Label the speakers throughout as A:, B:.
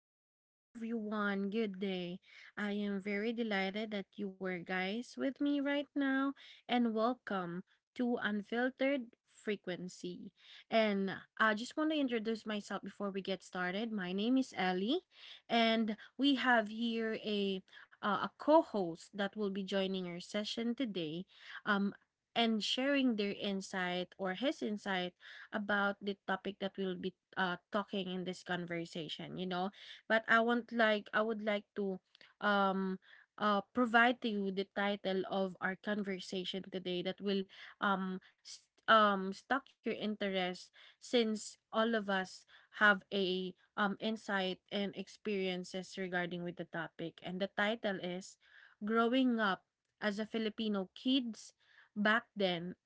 A: Hello there, everyone. Good day. I am very delighted that you were guys with me right now, and welcome to Unfiltered Frequency. And I just want to introduce myself before we get started. My name is Ellie, and we have here a co-host that will be joining our session today. Um. And sharing their insight or his insight about the topic that we'll be talking in this conversation. You know, but I want like I would like to um provide to you the title of our conversation today that will s stock your interest, since all of us have a insight and experiences regarding with the topic. And the title is growing up as a Filipino kids back then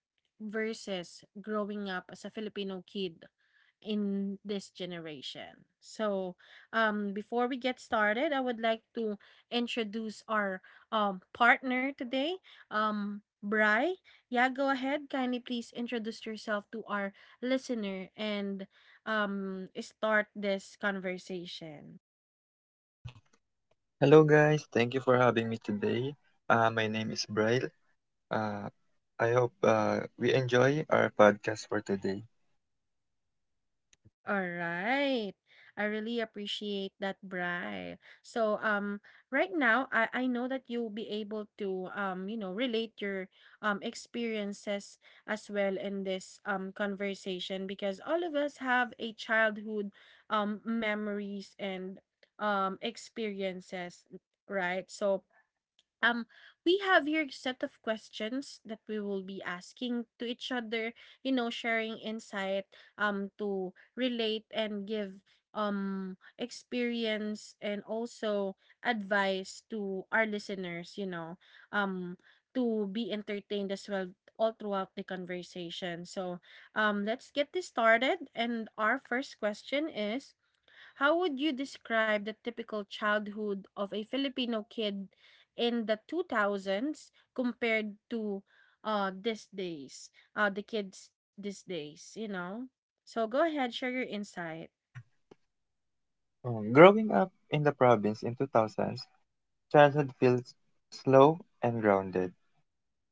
A: versus growing up as a Filipino kid in this generation. So, before we get started, I would like to introduce our partner today, Bry. Yeah, go ahead. Kindly please introduce yourself to our listener and start this conversation.
B: Hello, guys. Thank you for having me today. My name is Braille. Uh, I hope we enjoy our podcast for today.
A: Alright. I really appreciate that, Bri. So, right now, I know that you'll be able to, relate your experiences as well in this conversation, because all of us have a childhood memories and experiences, right? So, um, we have here a set of questions that we will be asking to each other, you know, sharing insight, to relate and give experience and also advice to our listeners, you know, um, to be entertained as well all throughout the conversation. So, let's get this started. And our first question is, how would you describe the typical childhood of a Filipino kid in the 2000s compared to these days, the kids these days, you know? So go ahead, share your insight.
B: Growing up in the province in 2000s, childhood feels slow and grounded.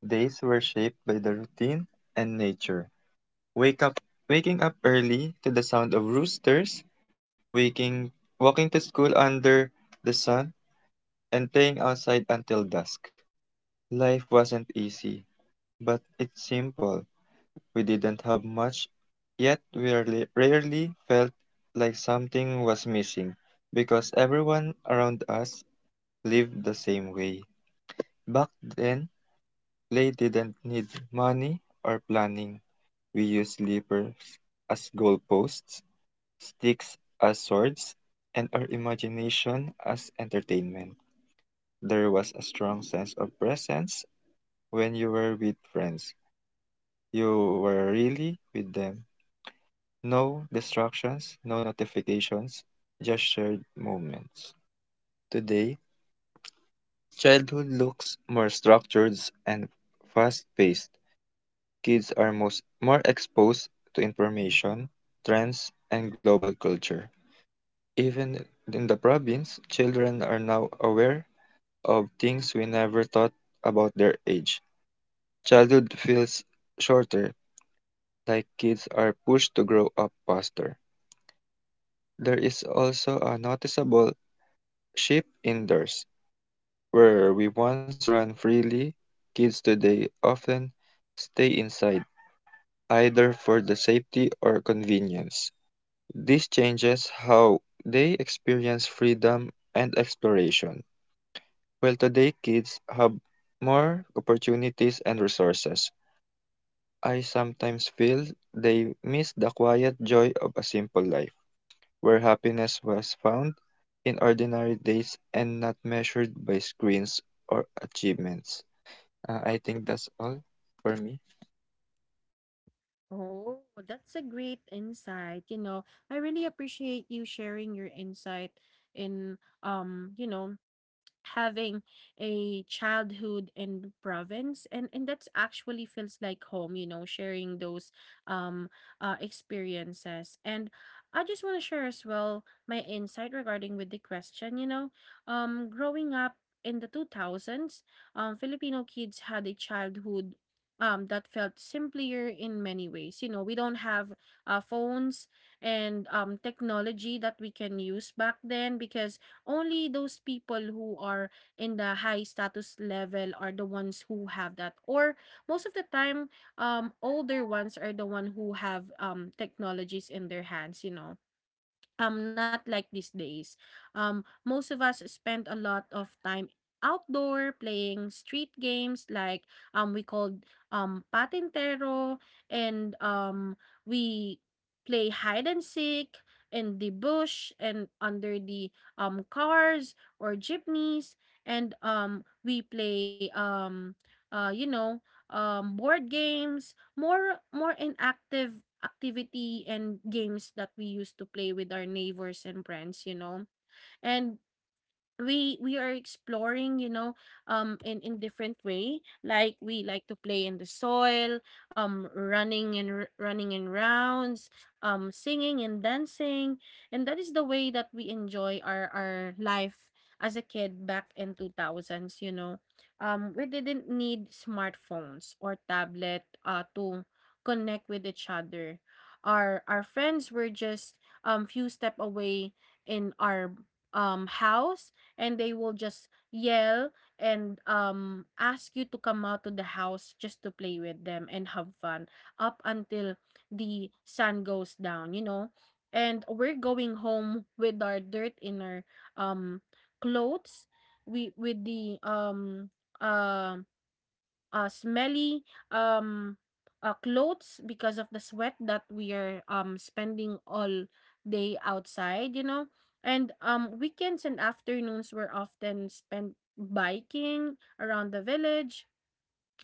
B: Days were shaped by the routine and nature. Wake up, Waking up early to the sound of roosters, waking, walking to school under the sun, and playing outside until dusk. Life wasn't easy, but it's simple. We didn't have much, yet we rarely felt like something was missing because everyone around us lived the same way. Back then, play didn't need money or planning. We used sleepers as goalposts, sticks as swords, and our imagination as entertainment. There was a strong sense of presence when you were with friends. You were really with them. No distractions, no notifications, just shared moments. Today, childhood looks more structured and fast paced. Kids are more exposed to information, trends, and global culture. Even in the province, children are now aware of things we never thought about their age. Childhood feels shorter, like kids are pushed to grow up faster. There is also a noticeable ship indoors, where we once ran freely, kids today often stay inside, either for the safety or convenience. This changes how they experience freedom and exploration. While today kids have more opportunities and resources, I sometimes feel they miss the quiet joy of a simple life, where happiness was found in ordinary days and not measured by screens or achievements. I think that's all for me.
A: Oh, that's a great insight. You know, I really appreciate you sharing your insight in, you know, having a childhood in province. And that's actually feels like home, you know, sharing those um experiences. And I just want to share as well my insight regarding with the question, you know. Growing up in the 2000s, Filipino kids had a childhood that felt simpler in many ways. You know, we don't have phones and technology that we can use back then, because only those people who are in the high status level are the ones who have that. Or most of the time, older ones are the one who have technologies in their hands, you know, not like these days. Most of us spend a lot of time outdoor playing street games like, we called patintero. And we play hide and seek in the bush and under the cars or jeepneys. And we play uh you know board games, more inactive activity and games that we used to play with our neighbors and friends, you know. And we are exploring, you know, in different way, like we like to play in the soil, running and running in rounds, singing and dancing. And that is the way that we enjoy our life as a kid back in 2000s, you know. We didn't need smartphones or tablet to connect with each other. Our friends were just few step away in our house. And they will just yell and ask you to come out to the house just to play with them and have fun up until the sun goes down, you know. And we're going home with our dirt in our um clothes. We with the um smelly, um, clothes because of the sweat that we are spending all day outside, you know. And weekends and afternoons were often spent biking around the village,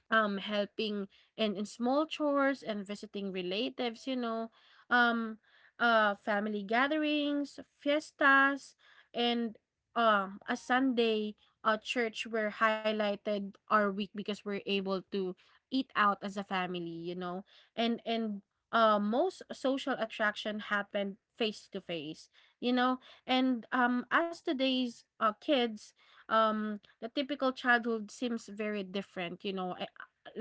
A: helping in small chores and visiting relatives, you know. um Family gatherings, fiestas, and a Sunday church were highlighted our week, because we're able to eat out as a family, you know. And most social attraction happened face to face, you know. And as today's kids, the typical childhood seems very different, you know.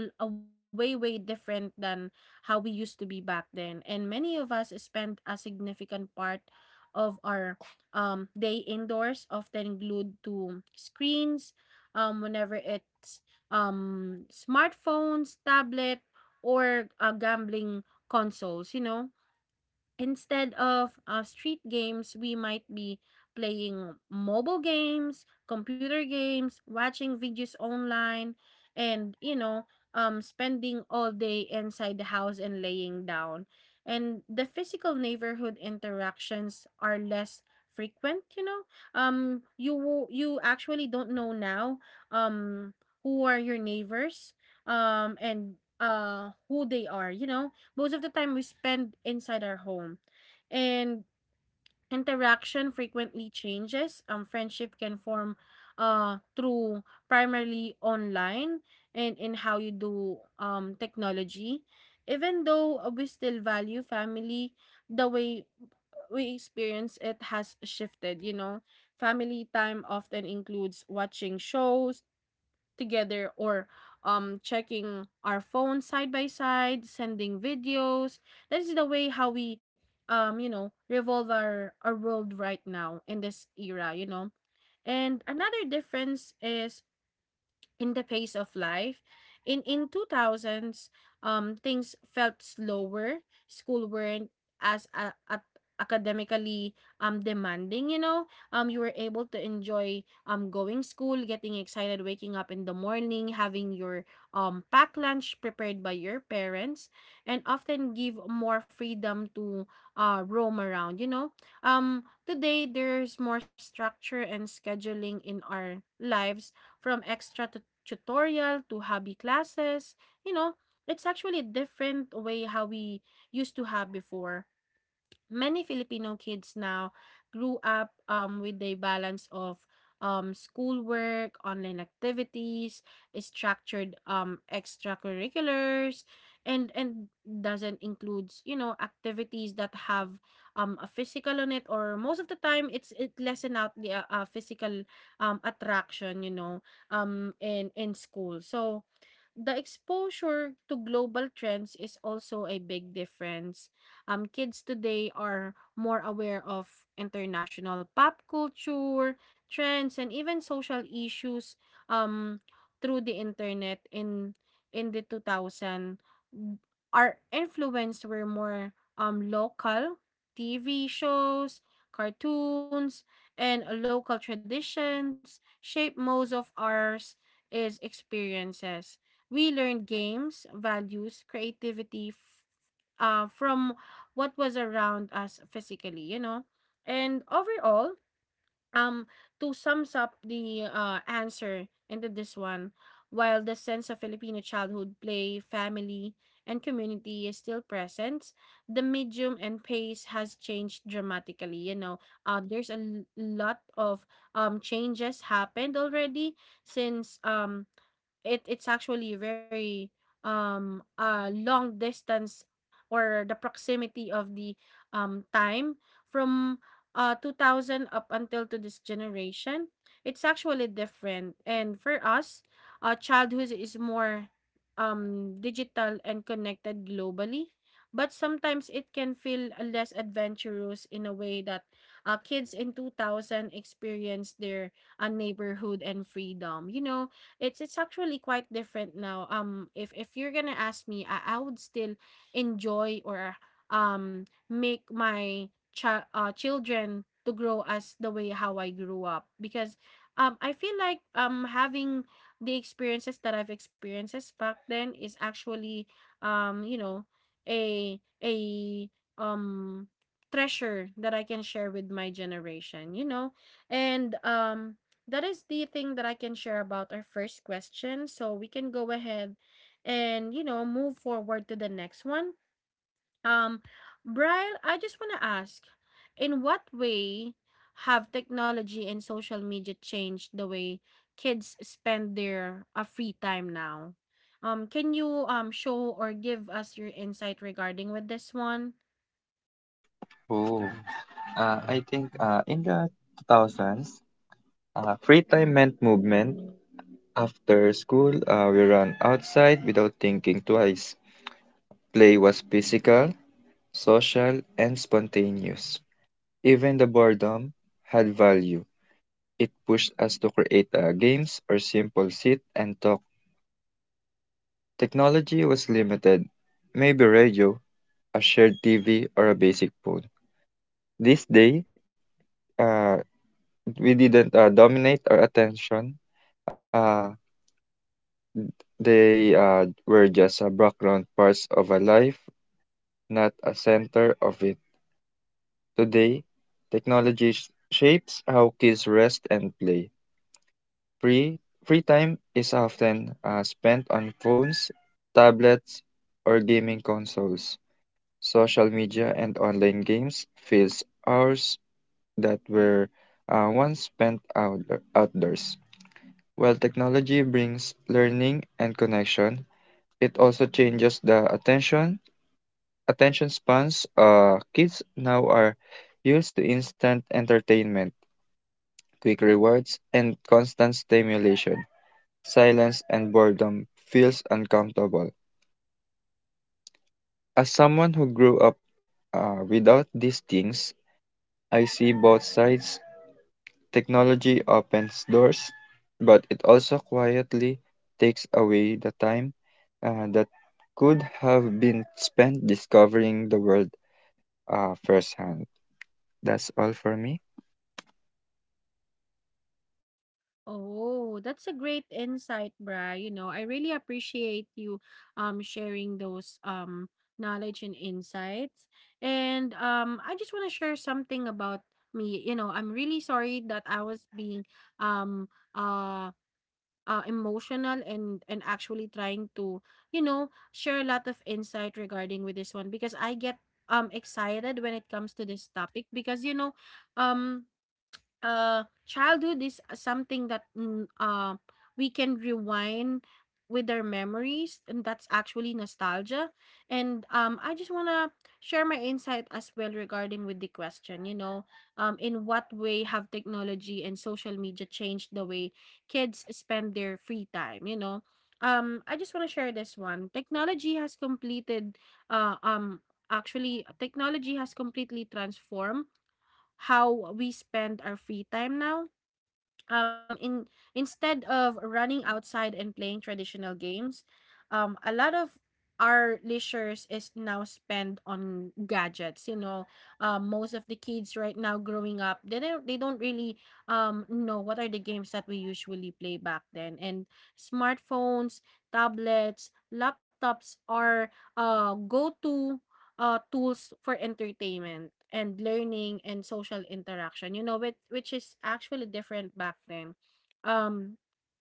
A: A way different than how we used to be back then. And many of us spend a significant part of our day indoors, often glued to screens, whenever it's smartphones, tablet, or gambling consoles, you know. Instead of street games, we might be playing mobile games, computer games, watching videos online, and, you know, spending all day inside the house and laying down. And the physical neighborhood interactions are less frequent. You know, you actually don't know now, who are your neighbors, and who they are. You know, most of the time we spend inside our home. And interaction frequently changes. Friendship can form through primarily online and in how you do technology. Even though, we still value family, the way we experience it has shifted, you know. Family time often includes watching shows together, or checking our phones side by side, sending videos. That is the way how we, revolve our world right now in this era, you know. And another difference is in the pace of life. In 2000s, things felt slower. School weren't as academically demanding. You know, you were able to enjoy going school, getting excited, waking up in the morning, having your packed lunch prepared by your parents, and often give more freedom to roam around. You know, today there's more structure and scheduling in our lives, from extra tutorial to hobby classes. You know, it's actually a different way how we used to have before. Many Filipino kids now grew up with a balance of schoolwork, online activities, structured extracurriculars, and doesn't includes, you know, activities that have a physical on it. Or most of the time, it's it lessen out the physical attraction, you know, in school. So the exposure to global trends is also a big difference. Kids today are more aware of international pop culture, trends, and even social issues, um, through the internet. In the 2000, our influence were more local TV shows, cartoons, and local traditions shape most of ours is experiences. We learned games, values, creativity, from what was around us physically, you know. And overall, um, to sums up the answer into this one, while the sense of Filipino childhood play, family, and community is still present, the medium and pace has changed dramatically. You know, there's a lot of changes happened already, since it's actually very long distance, or the proximity of the time from 2000 up until to this generation, it's actually different. And for us, childhood is more digital and connected globally, but sometimes it can feel less adventurous in a way that kids in 2000 experience their neighborhood and freedom, you know. It's actually quite different now. If you're gonna ask me, I would still enjoy or make my children to grow as the way how I grew up. Because I feel like having the experiences that I've experienced back then is actually, you know a um treasure that I can share with my generation, you know. And that is the thing that I can share about our first question. So we can go ahead and, you know, move forward to the next one. Um, Brian, I just want to ask, in what way have technology and social media changed the way kids spend their free time now? Can you show or give us your insight regarding with this one?
B: Oh, I think in the 2000s, free time meant movement. After school, we ran outside without thinking twice. Play was physical, social, and spontaneous. Even the boredom had value. It pushed us to create games or simple sit and talk. Technology was limited, maybe radio, a shared TV, or a basic phone. This day, uh, we didn't dominate our attention. Uh, they were just a background parts of a life, not a center of it. Today, shapes how kids rest and play. Free free time is often spent on phones, tablets, or gaming consoles. Social media and online games fills hours that were once spent outdoors. While technology brings learning and connection, it also changes the attention spans. Kids now are used to instant entertainment, quick rewards, and constant stimulation. Silence and boredom feels uncomfortable. As someone who grew up without these things, I see both sides. Technology opens doors, but it also quietly takes away the time that could have been spent discovering the world firsthand. That's all for me.
A: Oh, that's a great insight, Bra. You know, I really appreciate you sharing those knowledge and insights. And I just want to share something about me. You know, I'm really sorry that I was being um uh emotional, and actually trying to, you know, share a lot of insight regarding with this one, because I get excited when it comes to this topic. Because you know, um childhood is something that, we can rewind with our memories, and that's actually nostalgia. And I just want to share my insight as well regarding with the question, you know, in what way have technology and social media changed the way kids spend their free time, you know. I just want to share this one. Technology has completed uh um Actually, technology has completely transformed how we spend our free time now. In instead of running outside and playing traditional games, a lot of our leisures is now spent on gadgets. You know, most of the kids right now growing up, they don't really know what are the games that we usually play back then. And smartphones, tablets, laptops are go to tools for entertainment and learning and social interaction, you know, which is actually different back then. Um,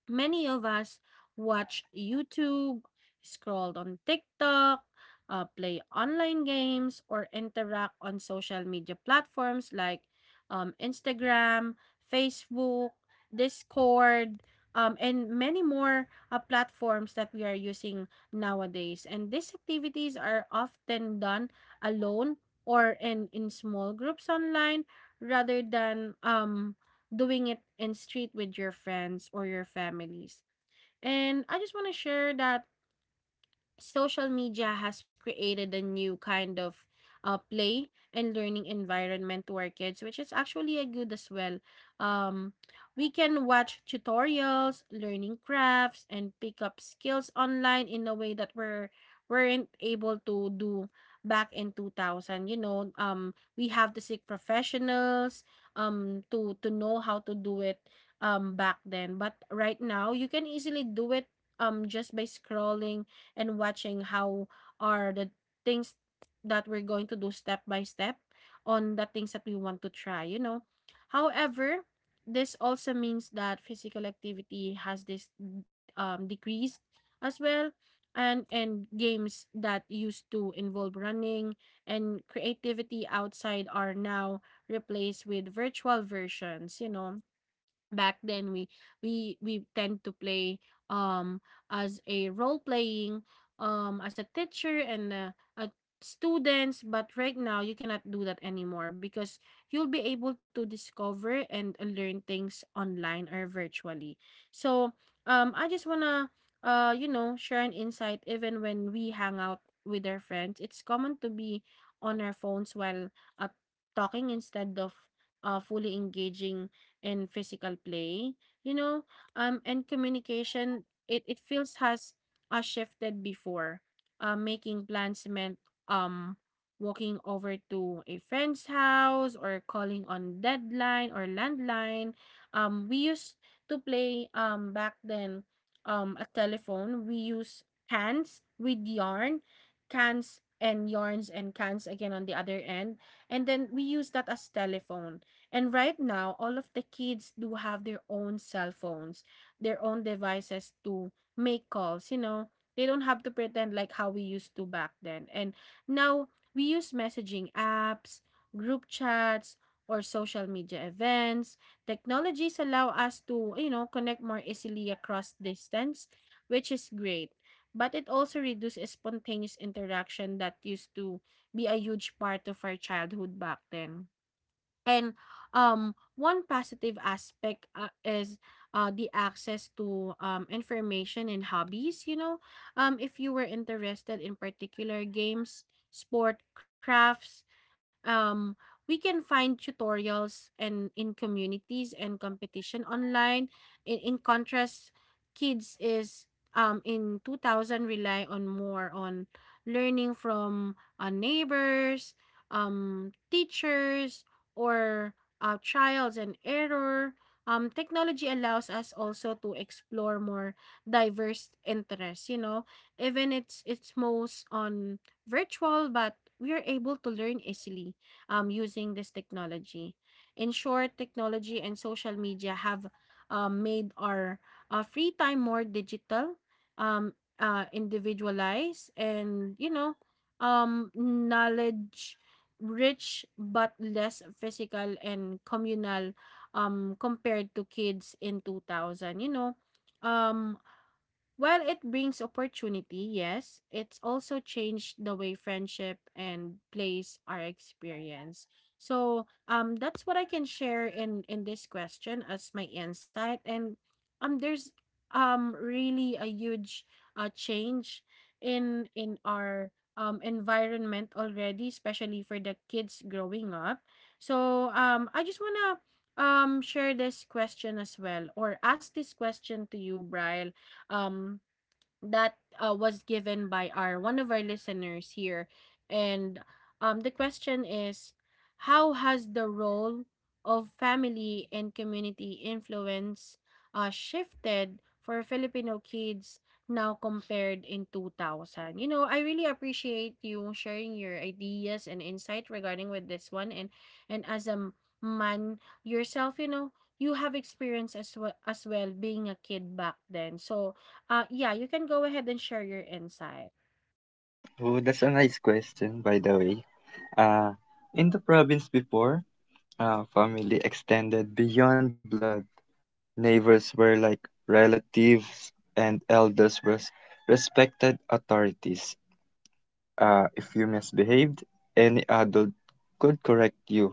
A: Many of us watch YouTube, scroll on TikTok, play online games, or interact on social media platforms like Instagram, Facebook, Discord, and many more platforms that we are using nowadays. And these activities are often done alone or in small groups online rather than doing it in street with your friends or your families. And I just want to share that social media has created a new kind of play and learning environment to our kids, which is actually a good as well. Um, we can watch tutorials, learning crafts, and pick up skills online in a way that we're weren't able to do back in 2000. You know, we have to seek professionals to know how to do it back then, but right now you can easily do it just by scrolling and watching how are the things that we're going to do step by step on the things that we want to try, you know. However, this also means that physical activity has this decrease as well, and games that used to involve running and creativity outside are now replaced with virtual versions. You know, back then we tend to play um as a role playing as a teacher and uh, students, but right now you cannot do that anymore because you'll be able to discover and learn things online or virtually. So I just wanna you know share an insight. Even when we hang out with our friends, it's common to be on our phones while uh, talking instead of fully engaging and physical play, you know. And communication, it feels has shifted. Before, making plans meant um walking over to a friend's house or calling on deadline or landline. We used to play back then a telephone. We use cans with yarn, cans and yarns, and cans again on the other end, and then we use that as telephone. And right now, all of the kids do have their own cell phones, their own devices to make calls, you know. They don't have to pretend like how we used to back then. And now we use messaging apps, group chats, or social media events. Technologies allow us to, you know, connect more easily across distance, which is great. But it also reduces spontaneous interaction that used to be a huge part of our childhood back then. And one positive aspect is the access to information and hobbies. You know, if you were interested in particular games, sport, crafts, um, we can find tutorials and in communities and competition online. In contrast, kids is in 2000 rely on more on learning from neighbors, teachers, or trials and error. Technology allows us also to explore more diverse interests. You know, even it's most on virtual, but we are able to learn easily using this technology. In short, technology and social media have made our free time more digital, um, individualized, and you know, knowledge rich but less physical and communal compared to kids in 2000, you know. um While it brings opportunity, yes, it's also changed the way friendship and place are experienced. So that's what I can share in this question as my insight. And there's really a huge change in our environment already, especially for the kids growing up. So I just wanna share this question as well or ask this question to you, Brian, um that was given by our one of our listeners here. And the question is, how has the role of family and community influence shifted for Filipino kids now compared in 2000? You know, I really appreciate you sharing your ideas and insight regarding with this one. And and as a m- man yourself, you know, you have experience as well being a kid back then. So yeah, you can go ahead and share your insight.
B: Oh, that's a nice question, by the way. Uh, in the province before, family extended beyond blood. Neighbors were like relatives, and elders were respected authorities. If you misbehaved, any adult could correct you,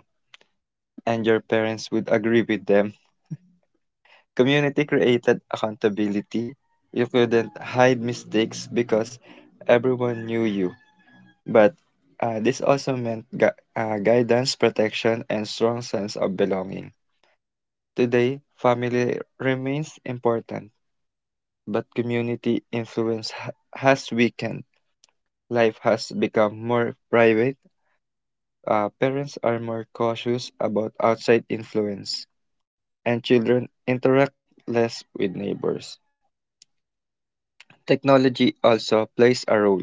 B: and your parents would agree with them. Community created accountability. You couldn't hide mistakes because everyone knew you. But this also meant guidance, protection, and strong sense of belonging. Today, family remains important, but community influence has weakened. Life has become more private. Parents are more cautious about outside influence, and children interact less with neighbors. Technology also plays a role.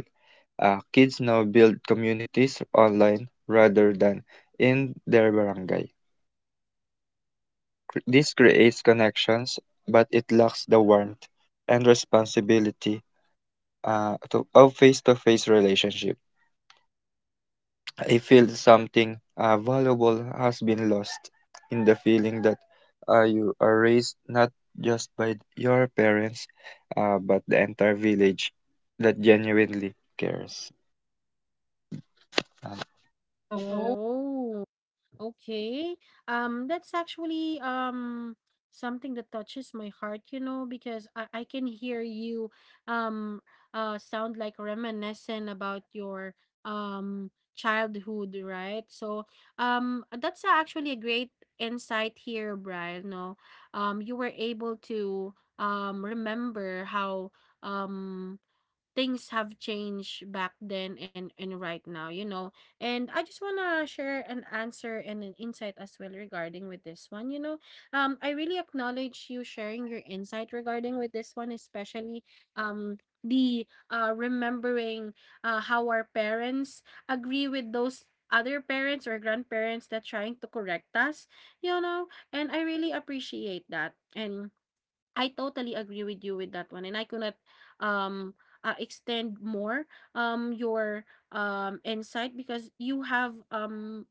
B: Kids now build communities online rather than in their barangay. This creates connections, but it lacks the warmth and responsibility of face to face relationships. I feel something valuable has been lost in the feeling that you are raised not just by your parents, but the entire village that genuinely cares. And,
A: Oh, okay. That's actually something that touches my heart, you know, because I can hear you um sound like reminiscent about your childhood, right? So that's actually a great insight here, Brian. No, you were able to remember how um things have changed back then and right now, you know. And I just want to share an answer and an insight as well regarding with this one, you know. I really acknowledge you sharing your insight regarding with this one, especially um the remembering how our parents agree with those other parents or grandparents that trying to correct us, you know. And I really appreciate that. And I totally agree with you with that one, and I could not um extend more your insight because you have um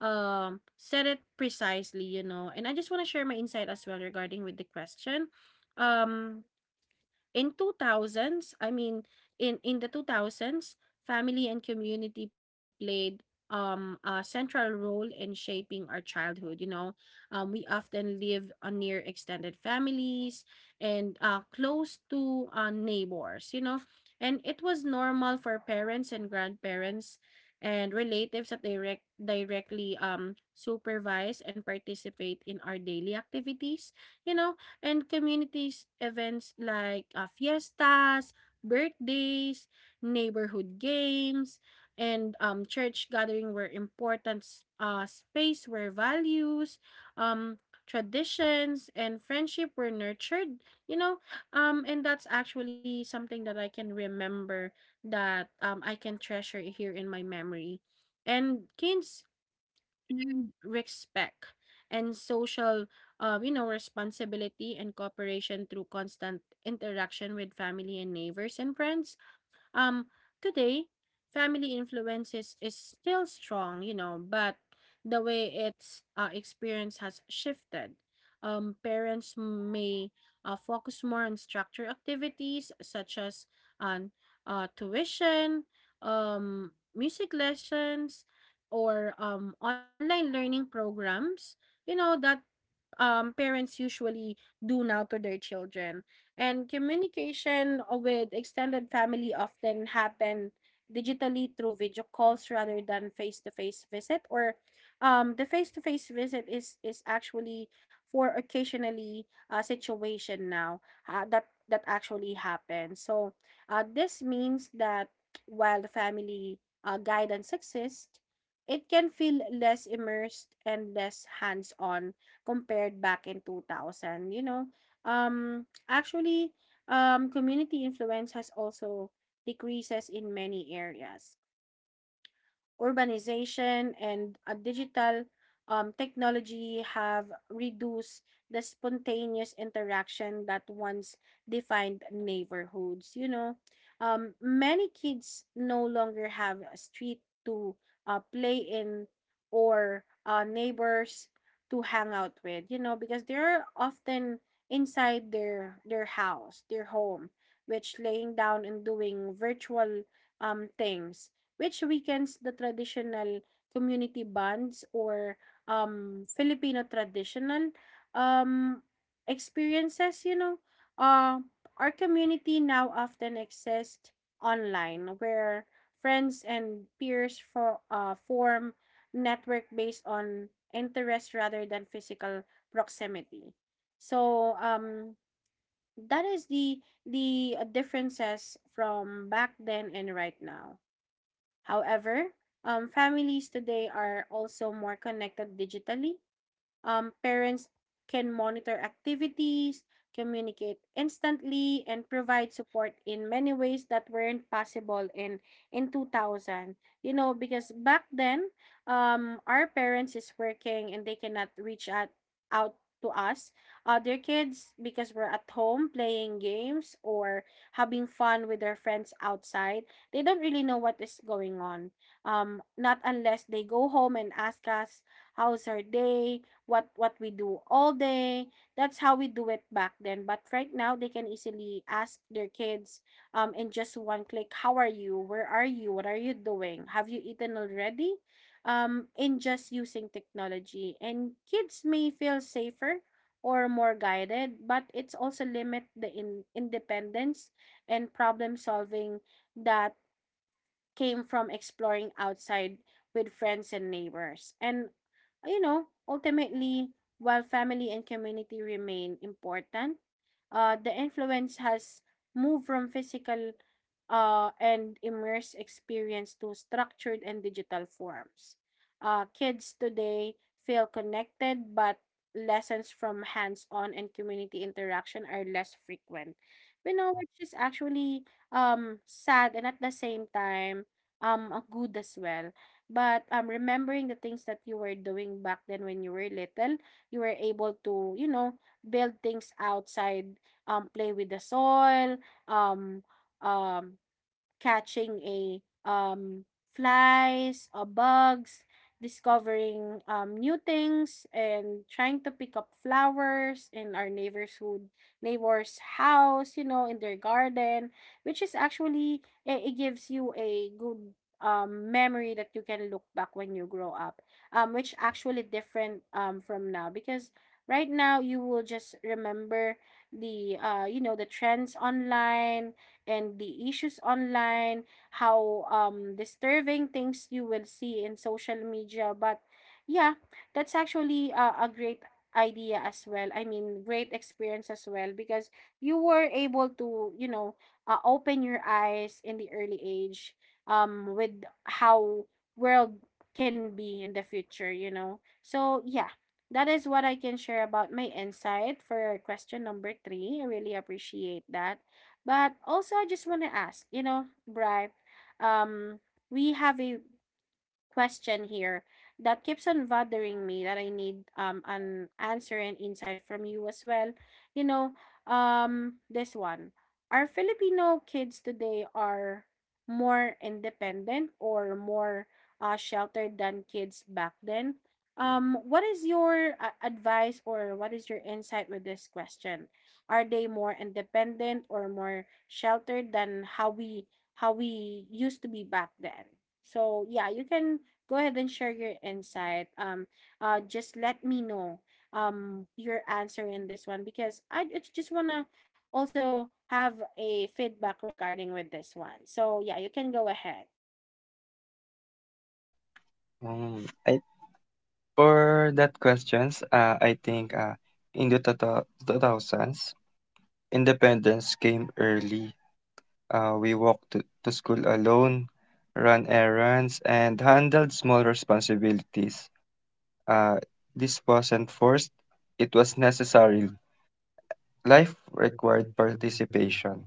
A: um said it precisely, you know. And I just want to share my insight as well regarding with the question. Um In 2000s, I mean, in in the 2000s, family and community played a central role in shaping our childhood, you know. We often live near extended families and close to neighbors, you know. And it was normal for parents and grandparents and relatives that directly supervise and participate in our daily activities, you know. And communities events like fiestas, birthdays, neighborhood games, and church gathering were important space where values, um, traditions, and friendship were nurtured. You know, and that's actually something that I can remember, that I can treasure here in my memory. And kids and respect and social you know responsibility and cooperation through constant interaction with family and neighbors and friends. um, Today, family influences is still strong, you know, but the way its experience has shifted. Parents may focus more on structured activities such as on tuition, music lessons, or online learning programs. You know that parents usually do now to their children. And communication with extended family often happen digitally through video calls rather than face-to-face visit, or the face-to-face visit is actually for occasionally situation now that actually happens. So this means that while the family guidance exists, it can feel less immersed and less hands-on compared back in 2000, you know. Um Actually, um, community influence has also decreases in many areas. Urbanization and digital technology have reduced the spontaneous interaction that once defined neighborhoods. You know, many kids no longer have a street to play in or neighbors to hang out with. You know, because they're often inside their house, their home, which laying down and doing virtual things, which weakens the traditional community bonds or Filipino traditional um, experiences, you know. Uh, our community now often exists online where friends and peers form network based on interest rather than physical proximity. So that is the differences from back then and right now. However, families today are also more connected digitally. Parents can monitor activities, communicate instantly, and provide support in many ways that weren't possible in 2000. You know, because back then, our parents is working and they cannot reach out to us, other kids, because we're at home playing games or having fun with their friends outside. They don't really know what is going on. Not unless they go home and ask us how's our day, what we do all day. That's how we do it back then. But right now they can easily ask their kids in just one click, how are you? Where are you? What are you doing? Have you eaten already? In just using technology. And kids may feel safer or more guided, but it's also limit the independence and problem solving that came from exploring outside with friends and neighbors. And, you know, ultimately, while family and community remain important, the influence has moved from physical and immersed experience to structured and digital forms. Kids today feel connected, but lessons from hands on and community interaction are less frequent. Which is actually sad, and at the same time, good as well. But remembering the things that you were doing back then when you were little, you were able to, build things outside, play with the soil, um um catching a um flies or bugs, discovering new things and trying to pick up flowers in our neighborhood neighbor's house, in their garden, which is actually it gives you a good memory that you can look back when you grow up. Which actually different from now because right now you will just remember the you know the trends online and the issues online, how disturbing things you will see in social media. But yeah, that's actually a great idea as well. I mean, great experience as well because you were able to, open your eyes in the early age with how world can be in the future. So, yeah. That is what I can share about my insight for question number three. I really appreciate that. But also, I just want to ask, Brian, um, we have a question here that keeps on bothering me that I need an answer and insight from you as well. You know, this one. Are Filipino kids today are more independent or more sheltered than kids back then? What is your advice or what is your insight with this question? Are they more independent or more sheltered than how we used to be back then? So yeah, you can go ahead and share your insight. Just let me know your answer in this one because I just wanna also have a feedback regarding with this one. So yeah, you can go ahead.
B: I, for that questions, I think in the two thousands, independence came early. We walked to school alone, ran errands, and handled small responsibilities. Uh, this wasn't forced, it was necessary. Life required participation.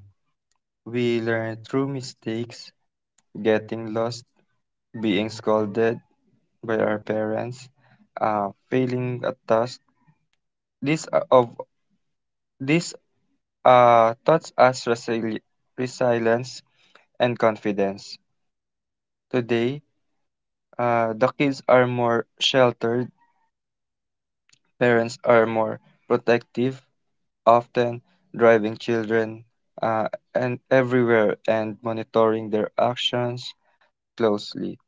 B: We learn through mistakes, getting lost, being scolded by our parents, failing a task. This uh, of this taught us resilience and confidence. Today, the kids are more sheltered, parents are more protective, often driving children uh, and everywhere and monitoring their actions closely.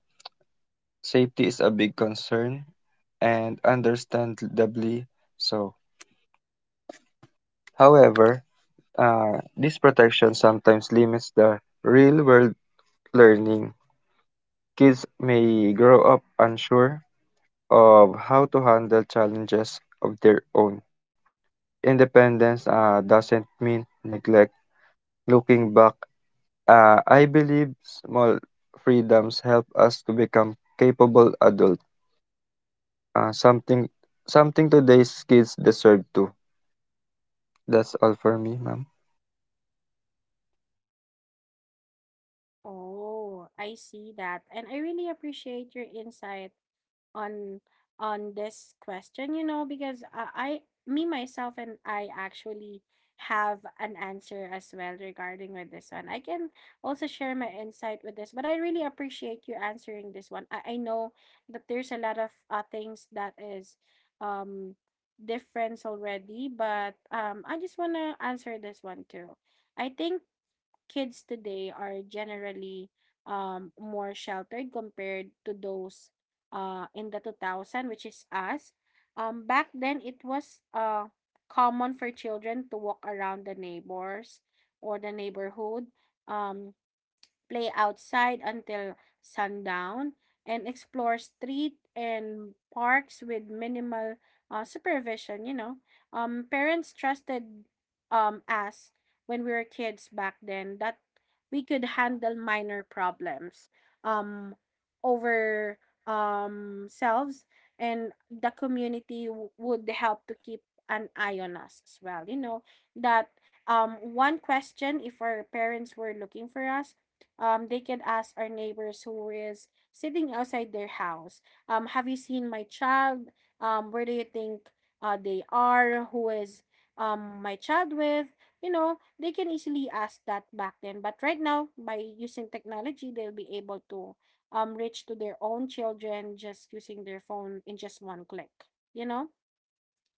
B: Safety is a big concern and understandably so. However, this protection sometimes limits the real world learning. Kids may grow up unsure of how to handle challenges of their own. Independence doesn't mean neglect. Looking back, I believe small freedoms help us to become capable adult. Uh, something Something today's kids deserve too. That's all for me, ma'am.
A: Oh, I see that, and I really appreciate your insight on on this question, because I me myself and I actually have an answer as well regarding with this one. I can also share my insight with this, but I really appreciate you answering this one. I know that there's a lot of things that is um difference already, but I just wanna answer this one too. I think kids today are generally more sheltered compared to those in the 2000, which is us. Back then, it was common for children to walk around the neighbors or the neighborhood. Um, Play outside until sundown, and explore street and parks with minimal supervision. Parents trusted us when we were kids back then that we could handle minor problems um, over selves, and the community would help to keep an eye on us as well, that one question if our parents were looking for us they can ask our neighbors who is sitting outside their house, have you seen my child? Where do you think they are? Who is my child with? You know, they can easily ask that back then. But right now, by using technology, they'll be able to reach to their own children just using their phone in just one click, you know?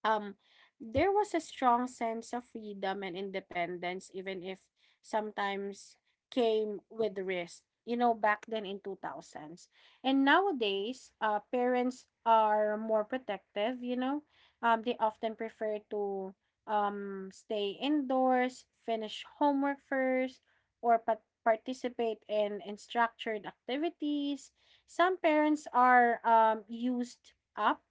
A: um there was a strong sense of freedom and independence, even if sometimes came with risk, back then in 2000s. And nowadays, parents are more protective. They often prefer to stay indoors, finish homework first, or participate in structured activities. Some parents are used up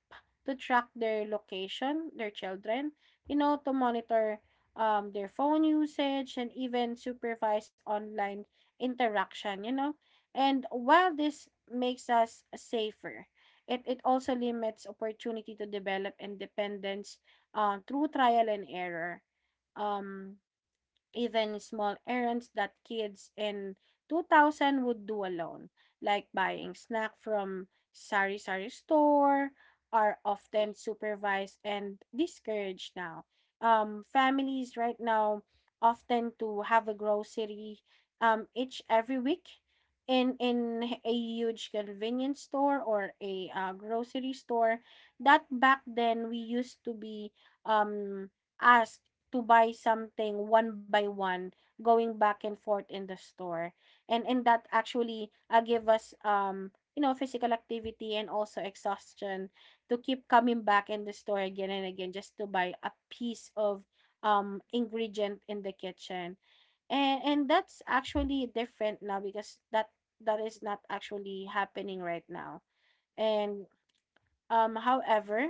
A: to track their location, their children, to monitor their phone usage and even supervise online interaction. And while this makes us safer, it also limits opportunity to develop independence through trial and error. Um, Even small errands that kids in 2000 would do alone, like buying snack from sari sari store, are often supervised and discouraged now. Families right now often to have a grocery each every week in a huge convenience store or a grocery store that back then we used to be um asked to buy something one by one, going back and forth in the store. And that actually give us physical activity and also exhaustion to keep coming back in the store again and again just to buy a piece of ingredient in the kitchen, and that's actually different now because that is not actually happening right now, and however,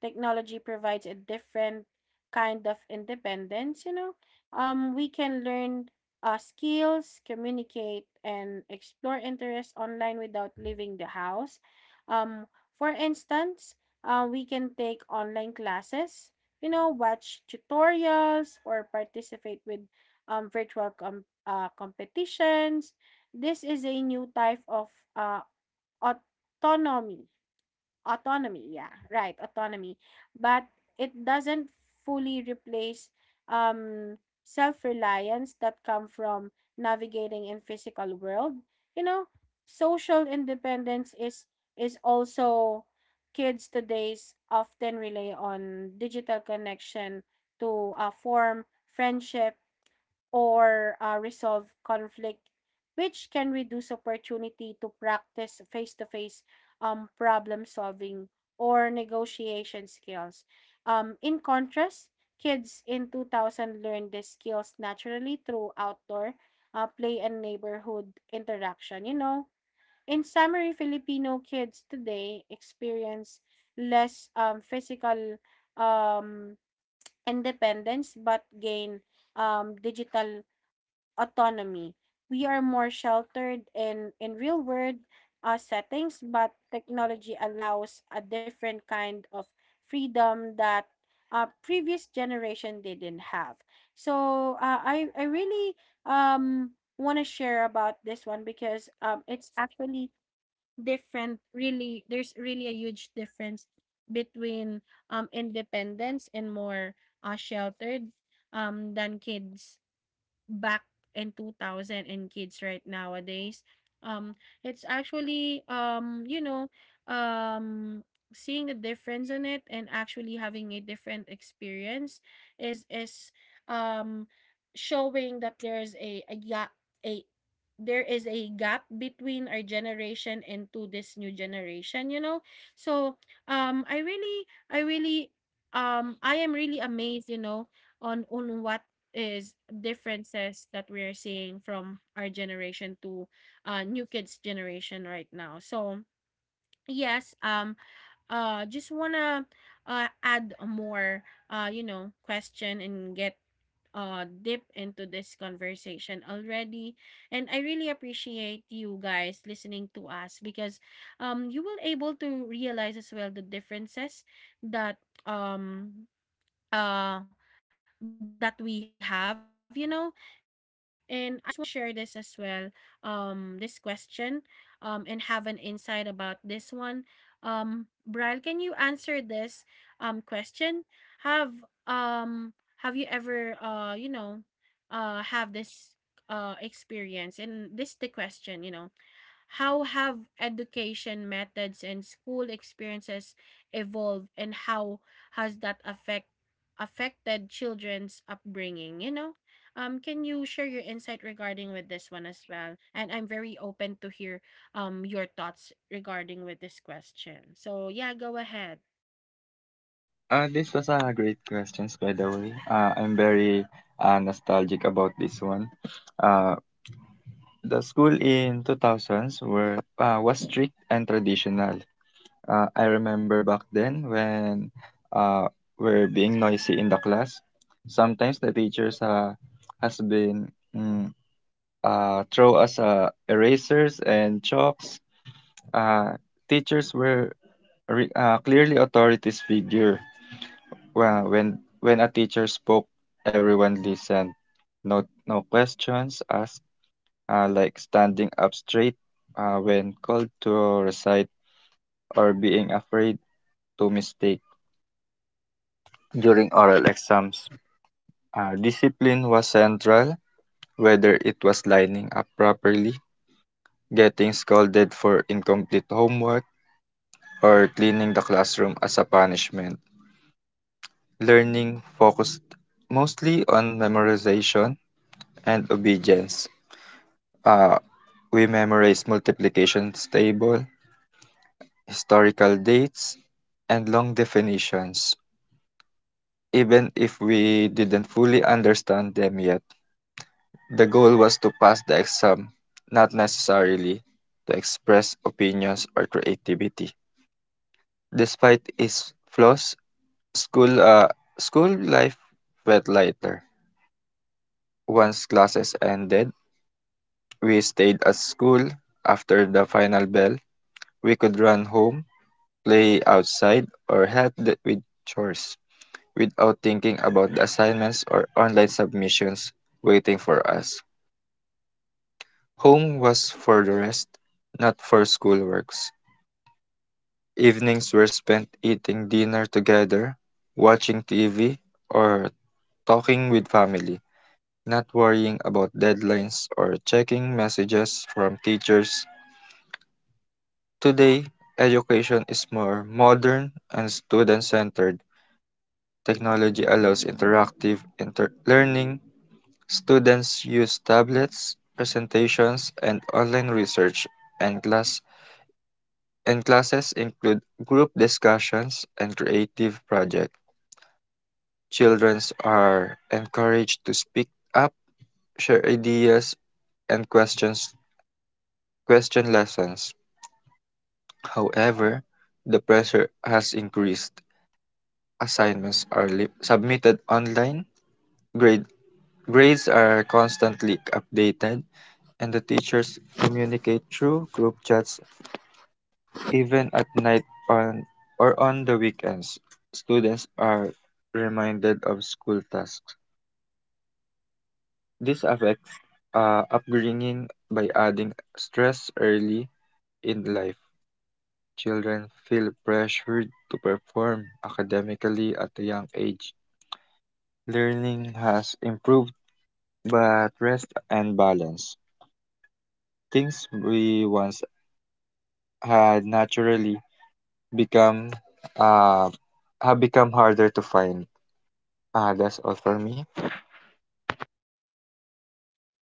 A: technology provides a different kind of independence. We can learn skills, communicate, and explore interests online without leaving the house. Um, for instance, we can take online classes, watch tutorials, or participate with virtual competitions. This is a new type of uh, autonomy autonomy, yeah, right, autonomy, but it doesn't fully replace um self-reliance that come from navigating in physical world you know Social independence is also kids today's often rely on digital connection to form friendship or resolve conflict, which can reduce opportunity to practice face-to-face problem solving or negotiation skills. In contrast, kids in 2000 learn these skills naturally through outdoor play and neighborhood interaction. You know, in summary, Filipino kids today experience less physical um, independence but gain digital autonomy. We are more sheltered in real world settings, but technology allows a different kind of freedom that previous generation didn't have. So I really um, want to share about this one because it's actually different. Really, there's really a huge difference between independence and more sheltered than kids back in 2000 and kids right nowadays. um it's actually um seeing the difference in it, and actually having a different experience is um showing that a there is a gap between our generation and to this new generation. So um i really i really I am really amazed on what is differences that we're seeing from our generation to new kids generation right now. So yes, just wanna add a more question and get deep into this conversation already, and I really appreciate you guys listening to us because you will able to realize as well the differences that um uh that we have. And I just want to share this as well. This question, and have an insight about this one. Brian, can you answer this question? Have um have you ever, have this, experience? And this, the question, how have education methods and school experiences evolved, and how has that affected children's upbringing, you know? Can you share your insight regarding with this one as well? And I'm very open to hear your thoughts regarding with this question. So, yeah, go ahead.
B: This was a great questions by the way. I'm very nostalgic about this one. Uh, the school in 2000s were was strict and traditional. I remember back then when uh, we're being noisy in the class. Sometimes the teachers has been mm, throw us erasers and chalks. Uh, Teachers were clearly authorities figure. Well, when a teacher spoke, everyone listened. No No questions asked. Like standing up straight when called to recite or being afraid to mistake during oral exams. Discipline was central, whether it was lining up properly, getting scolded for incomplete homework, or cleaning the classroom as a punishment. Learning focused mostly on memorization and obedience. Uh, we memorized multiplication table, historical dates, and long definitions, even if we didn't fully understand them yet. The goal was to pass the exam, not necessarily to express opinions or creativity. Despite its flaws, school uh, school life felt lighter. Once classes ended, we stayed at school. After the final bell, we could run home, play outside, or help with chores without thinking about the assignments or online submissions waiting for us. Home was for the rest, not for schoolworks. Evenings were spent eating dinner together, watching TV, or talking with family, not worrying about deadlines or checking messages from teachers. Today, education is more modern and student-centered. Technology allows learning. Students use tablets, presentations, and online research, and class and classes include group discussions and creative projects. Children are encouraged to speak up, share ideas, and question lessons. However, the pressure has increased. Submitted online, grade grades are constantly updated, and the teachers communicate through group chats even at night on or on the weekends. Students are reminded of school tasks. This affects upbringing by adding stress early in life. Children feel pressured to perform academically at a young age. Learning has improved. But rest and balance, things we once had naturally become uh have become harder to find. That's all for me.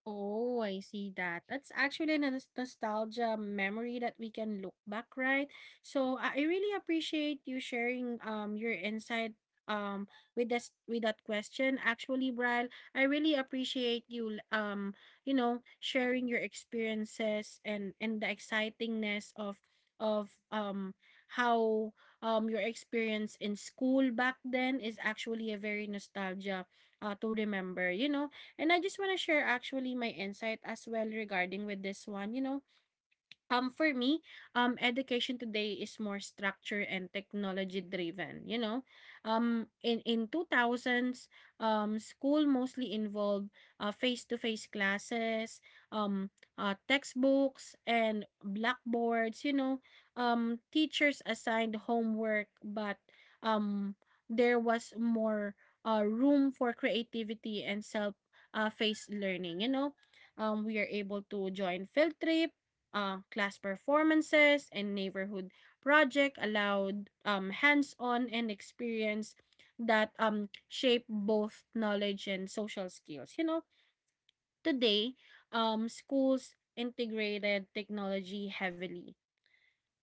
A: Oh, I see that. That's actually a nostalgia memory that we can look back, right? So I really appreciate you sharing your insight with that question. Actually, Brian, I really appreciate you you know sharing your experiences and the excitingness of of how your experience in school back then is actually a very nostalgia to remember. You know, and I just want to share actually my insight as well regarding with this one. You know, for me, education today is more structure and technology driven. You know, in 2000s, school mostly involved face to face classes, um, textbooks and blackboards. You know, teachers assigned homework, but um, there was more room for creativity and self face learning. You know, we are able to join field trip class performances and neighborhood project allowed hands-on and experience that shape both knowledge and social skills. You know, today, schools integrated technology heavily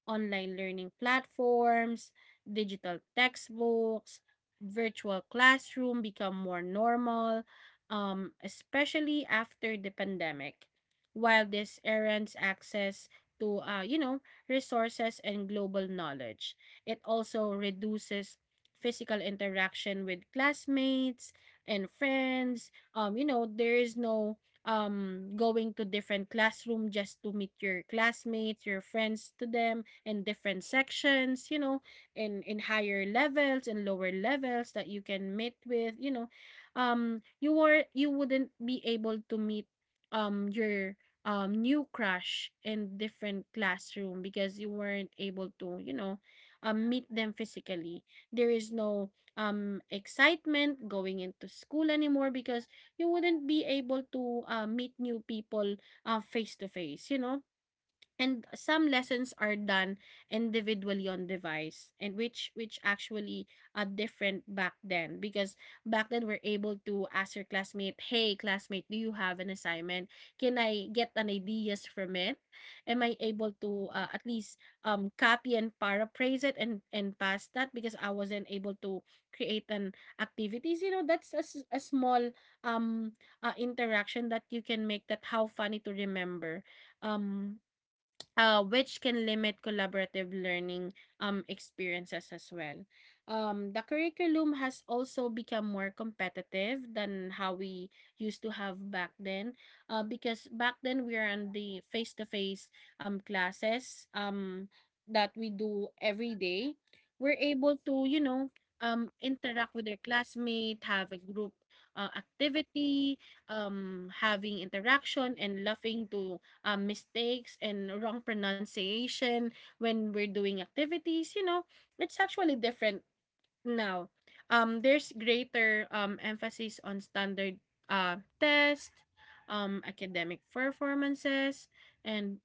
A: online learning platforms, digital textbooks, virtual classroom become more normal, especially after the pandemic. While this errands access to, resources and global knowledge, it also reduces physical interaction with classmates and friends. You know, there is no going to different classroom just to meet your classmates your friends to them in different sections, in higher levels and lower levels that you can meet with, you were you wouldn't be able to meet your new crush in different classroom because you weren't able to, meet them physically. There is no excitement going into school anymore because you wouldn't be able to meet new people face to face, you know, and some lessons are done individually on device, and which actually are different back then, because back then we're able to ask your classmate, hey classmate, do you have an assignment, can I get an ideas from it, am I able to at least copy and paraphrase it and pass that, because I wasn't able to create an activities, you know. That's a, a small um interaction that you can make, that how funny to remember. um which can limit collaborative learning experiences as well. The curriculum has also become more competitive than how we used to have back then, because back then we are on the face to face classes that we do every day. We're able to, you know, interact with their classmate, have a group activity, having interaction and laughing to mistakes and wrong pronunciation when we're doing activities. You know, it's actually different now. There's greater emphasis on standard test, academic performances, and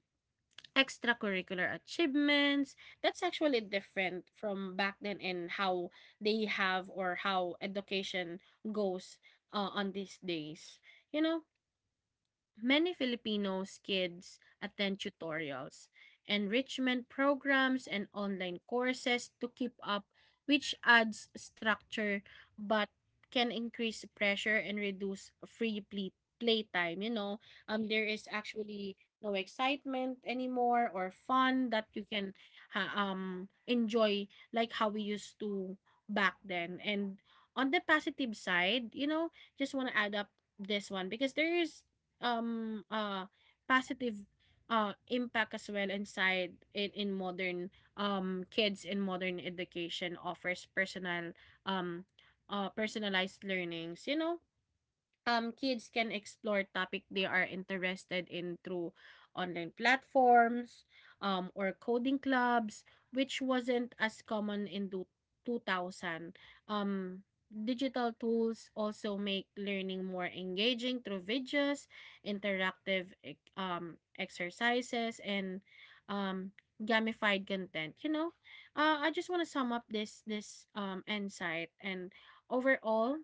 A: extracurricular achievements. That's actually different from back then in how they have, or how education goes on these days. You know, many Filipinos kids attend tutorials, enrichment programs, and online courses to keep up, which adds structure but can increase pressure and reduce free play playtime. You know, there is actually no excitement anymore or fun that you can enjoy like how we used to back then. And on the positive side, you know, just want to add up this one because there is um, uh, positive impact as well inside in modern kids. In modern education offers personal um, personalized learnings, you know. Kids can explore topic they are interested in through online platforms or coding clubs, which wasn't as common in 2000. Um, Digital tools also make learning more engaging through videos, interactive exercises, and um, gamified content. You know, I just want to sum up this insight. And overall,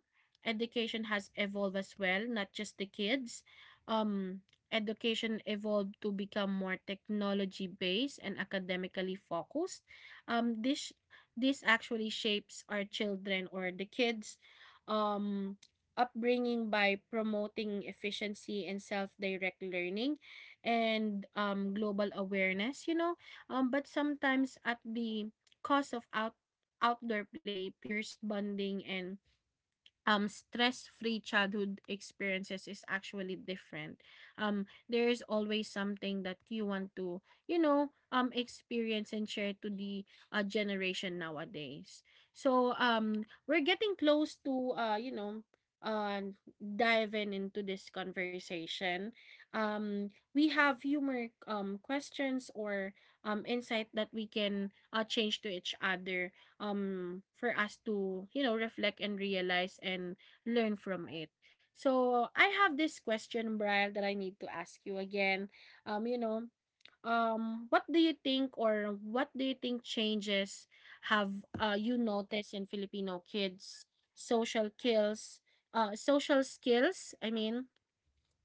A: education has evolved as well, not just the kids. Um, Education evolved to become more technology based and academically focused. Um, this this actually shapes our children, or the kids um upbringing, by promoting efficiency and self-direct learning and global awareness, you know. But sometimes at the cost of outdoor play, peers bonding, and stress-free childhood experiences is actually different. There is always something that you want to, you know, experience and share to the generation nowadays. So we're getting close to, uh diving into this conversation. We have few more questions or insight that we can change to each other for us to, you know, reflect and realize and learn from it. So I have this question, Brian, that I need to ask you again. um you know what do you think, or what do you think changes have you noticed in Filipino kids social skills, social skills I mean,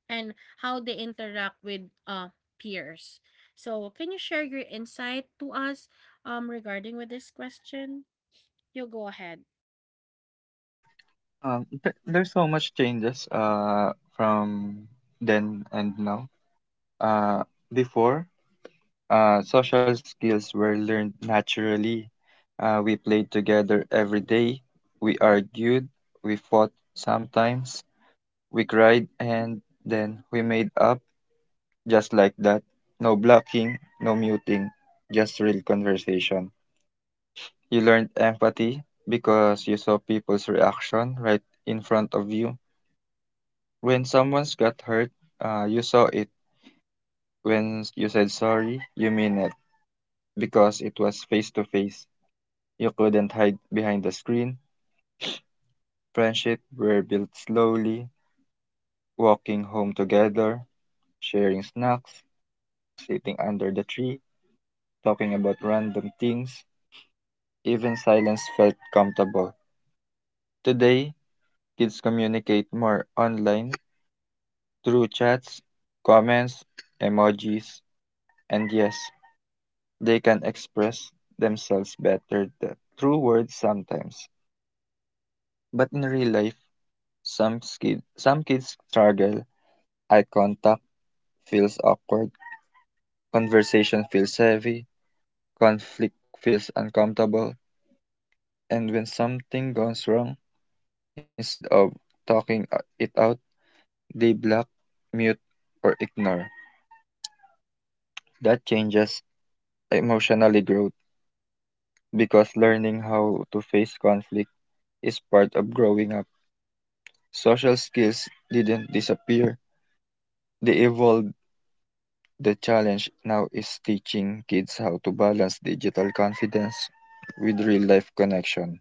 A: and how they interact with peers? So can you share your insight to us regarding with this question? You go ahead.
B: There's so much changes from then and now. Uh, Before, social skills were learned naturally. We played together every day. We argued. We fought sometimes. We cried and then we made up. Just like that. No blocking, no muting, just real conversation. You learned empathy because you saw people's reaction right in front of you. When someone's got hurt, you saw it. When you said sorry, you mean it because it was face to face. You couldn't hide behind the screen. Friendship were built slowly, walking home together, sharing snacks, sitting under the tree, talking about random things. Even silence felt comfortable. Today, kids communicate more online through chats, comments, emojis, and yes, they can express themselves better through words sometimes. But in real life, some kids struggle. Eye contact feels awkward, conversation feels heavy, conflict feels uncomfortable, and when something goes wrong, instead of talking it out, they block, mute, or ignore. That changes emotionally growth because learning how to face conflict is part of growing up. Social skills didn't disappear, they evolved. The challenge now is teaching kids how to balance digital confidence with real life connection.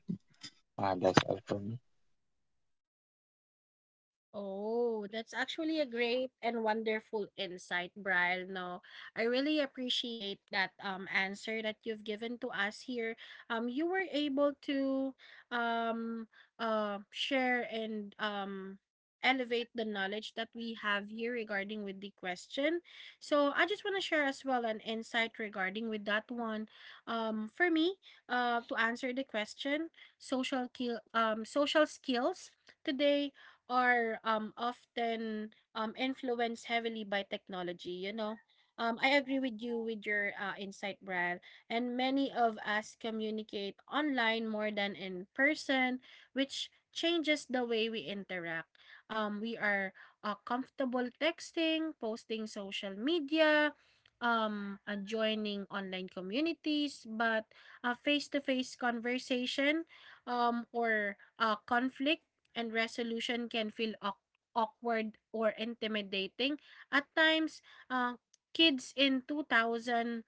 B: That's all for me.
A: Oh, that's actually a great and wonderful insight, Brian. No, I really appreciate that answer that you've given to us here. You were able to um share and elevate the knowledge that we have here regarding with the question. So I just want to share as well an insight regarding with that one. For me, to answer the question, social skills today are often influenced heavily by technology, you know. I agree with you, with your insight, Brad. And many of us communicate online more than in person, which changes the way we interact. We are comfortable texting, posting social media, joining online communities, but a face-to-face conversation or conflict and resolution can feel awkward or intimidating. At times, uh, kids in 2000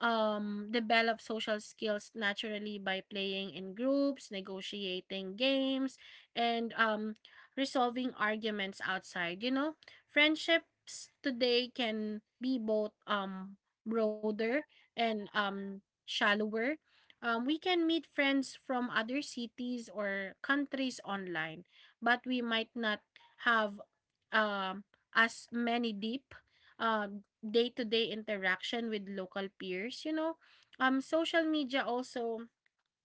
A: develop social skills naturally by playing in groups, negotiating games, and resolving arguments outside. You know, friendships today can be both broader and shallower. We can meet friends from other cities or countries online, but we might not have um uh, as many deep day-to-day interaction with local peers, you know. Social media also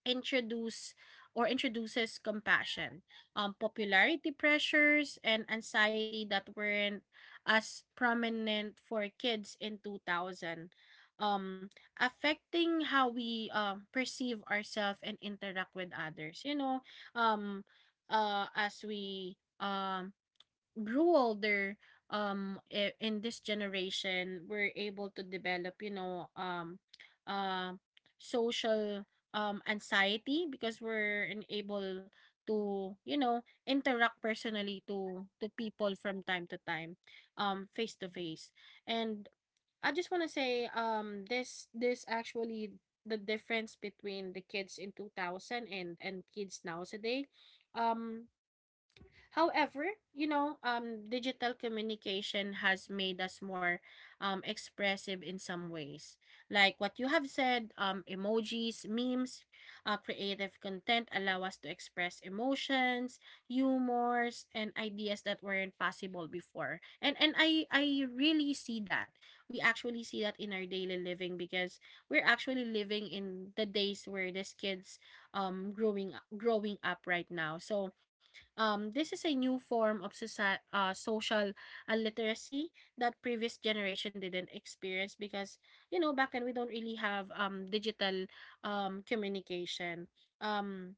A: introduce introduces compassion, popularity pressures, and anxiety that weren't as prominent for kids in 2000, um, affecting how we perceive ourselves and interact with others. You know, um, as we grew older in this generation, we're able to develop, you know, uh social anxiety, because we're unable to, you know, interact personally to people from time to time, face to face. And I just want to say, this this actually the difference between the kids in 2000 and kids nowadays. um However, you know, digital communication has made us more expressive in some ways. Like what you have said, emojis, memes, creative content allow us to express emotions, humors, and ideas that weren't possible before. And I really see that. We actually see that in our daily living, because we're actually living in the days where these kids growing up right now. So this is a new form of social literacy that previous generation didn't experience, because, you know, back then we don't really have digital communication. Um,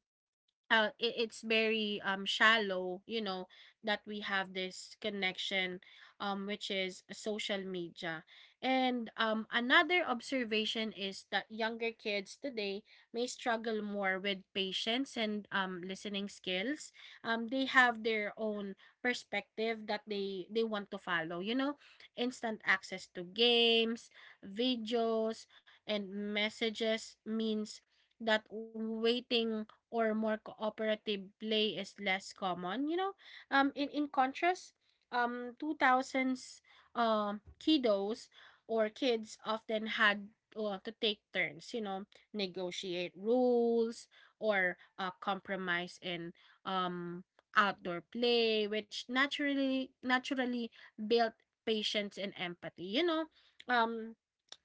A: it's very shallow, you know, that we have this connection which is social media. And another observation is that younger kids today may struggle more with patience and listening skills. They have their own perspective that they want to follow, you know. Instant access to games, videos, and messages means that waiting or more cooperative play is less common. You know, in contrast, two thousands kiddos or kids often had to take turns. You know, negotiate rules or compromise in um outdoor play, which naturally built patience and empathy. You know, um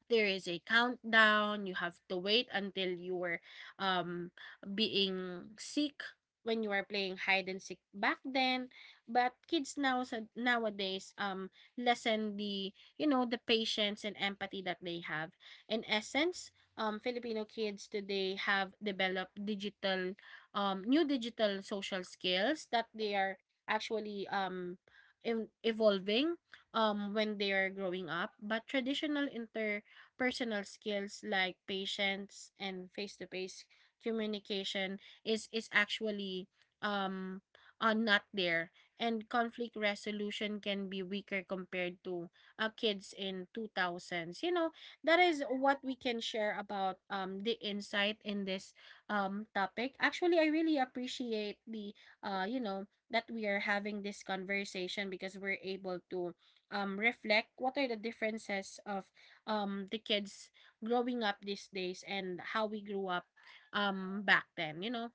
A: there is a countdown you have to wait until you were um being sick when you were playing hide and seek back then, but kids nowadays lessen the, you know, the patience and empathy that they have. In essence, Filipino kids today have developed digital, new digital social skills, that they are actually evolving when they are growing up, but traditional inter personal skills like patience and face-to-face communication is actually um are not there, and conflict resolution can be weaker compared to kids in 2000s, you know. That is what we can share about the insight in this topic. Actually, I really appreciate the uh you know that we are having this conversation, because we're able to reflect what are the differences of the kids growing up these days and how we grew up back then, you know.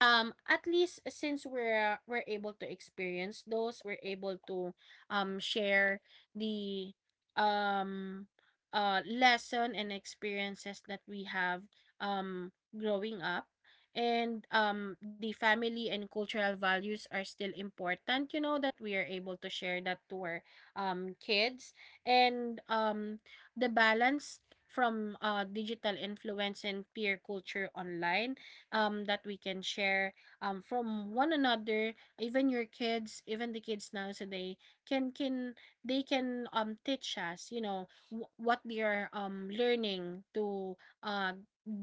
A: At least since we're able to experience those, we're able to share the um lesson and experiences that we have growing up. And the family and cultural values are still important, you know, that we are able to share that to our kids. And the balance from digital influence and peer culture online, that we can share from one another. Even your kids, even the kids now today can they can teach us, you know, what they are learning to uh,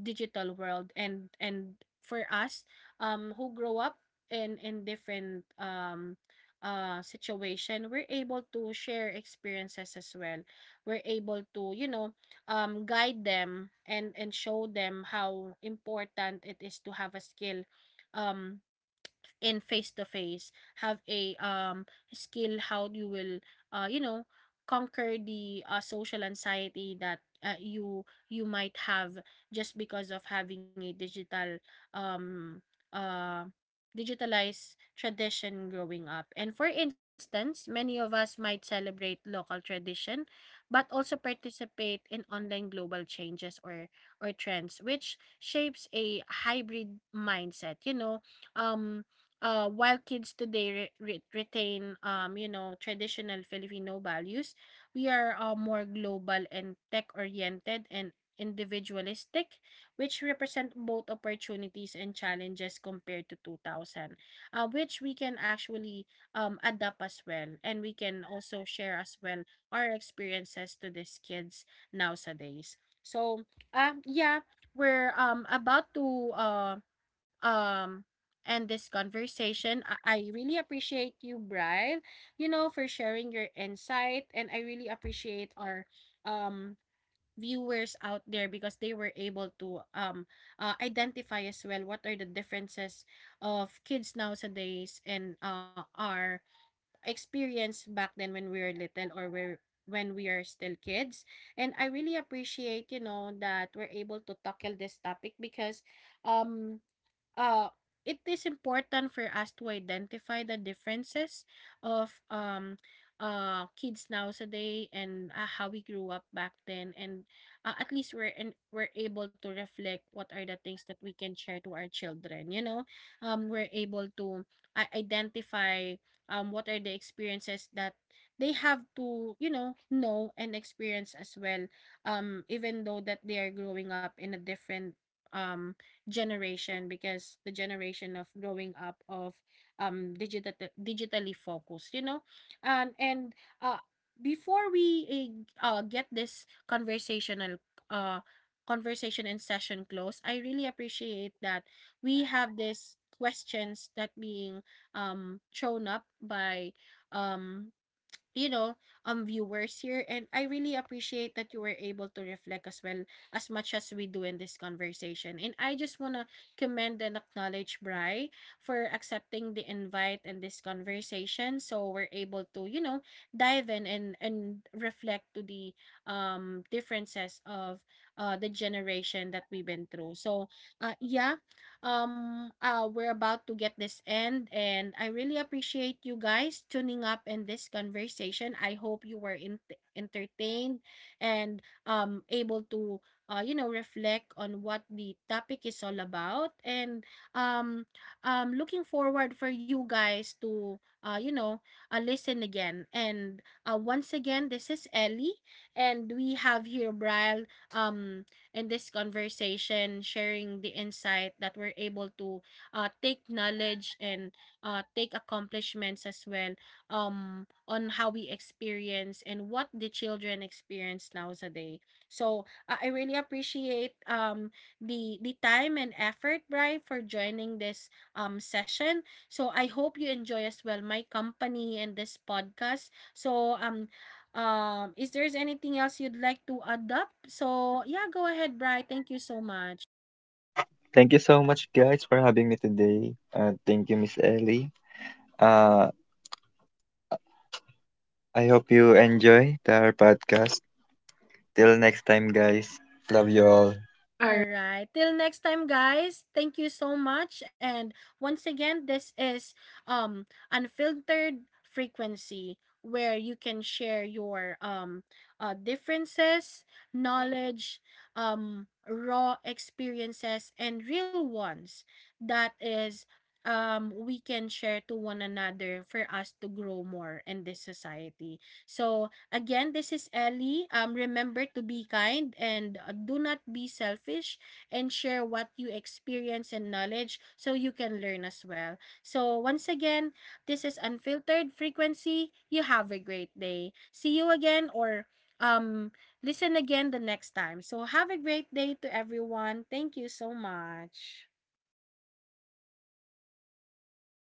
A: digital world. And for us, who grow up in different situation, we're able to share experiences as well. We're able to, you know, guide them and show them how important it is to have a skill. Um, in face to face, have a skill how you will uh you know conquer the social anxiety that you you might have, just because of having a digital um uh digitalized tradition growing up. And for instance, many of us might celebrate local tradition but also participate in online global changes or trends, which shapes a hybrid mindset. You know, um while kids today retain traditional Filipino values, we are more global and tech oriented and individualistic, which represent both opportunities and challenges compared to 2000, which we can actually adapt as well, and we can also share as well our experiences to these kids nowadays. So yeah, we're about to uh um and this conversation. I really appreciate you, Brian, you know, for sharing your insight. And I really appreciate our um viewers out there, because they were able to identify as well what are the differences of kids nowadays and our experience back then when we were little, or where when we are still kids. And I really appreciate, you know, that we're able to tackle this topic, because um uh, it is important for us to identify the differences of kids nowadays and how we grew up back then. And at least we're able to reflect what are the things that we can share to our children, you know. We're able to identify what are the experiences that they have to, you know and experience as well, even though that they are growing up in a different um, generation, because the generation of growing up of um digital digitally focused, you know. And uh Before get this uh conversation and session close, I really appreciate that we have this questions that being shown up by um you know, viewers here. And I really appreciate that you were able to reflect as well as much as we do in this conversation. And I just wanna commend and acknowledge Bry for accepting the invite and this conversation. So we're able to, you know, dive in and reflect to the differences of the generation that we've been through. So yeah, we're about to get this end. And I really appreciate you guys tuning up in this conversation. I hope you were entertained and able to reflect on what the topic is all about. And um looking forward for you guys to uh you know listen again. And once again, this is Ellie, and we have here Brian in this conversation, sharing the insight that we're able to take knowledge and take accomplishments as well on how we experience and what the children experience nowadays. So I really appreciate the time and effort, Bri, for joining this session. So I hope you enjoy as well my company and this podcast. So is there's anything else you'd like to add up? So yeah, go ahead, Bri. Thank you so much.
B: Thank you so much, guys, for having me today. Thank you, Miss Ellie. Uh, I hope you enjoy our podcast. Till next time, guys. Love you all.
A: All right. Till next time, guys. Thank you so much. And once again, this is Unfiltered Frequency, where you can share your differences, knowledge, raw experiences and real ones, that is we can share to one another for us to grow more in this society. So again, this is Ellie. Remember to be kind, and do not be selfish and share what you experience and knowledge so you can learn as well. So, once again, this is Unfiltered Frequency. You have a great day. See you again, or um, listen again the next time. So, have a great day to everyone. Thank you so much.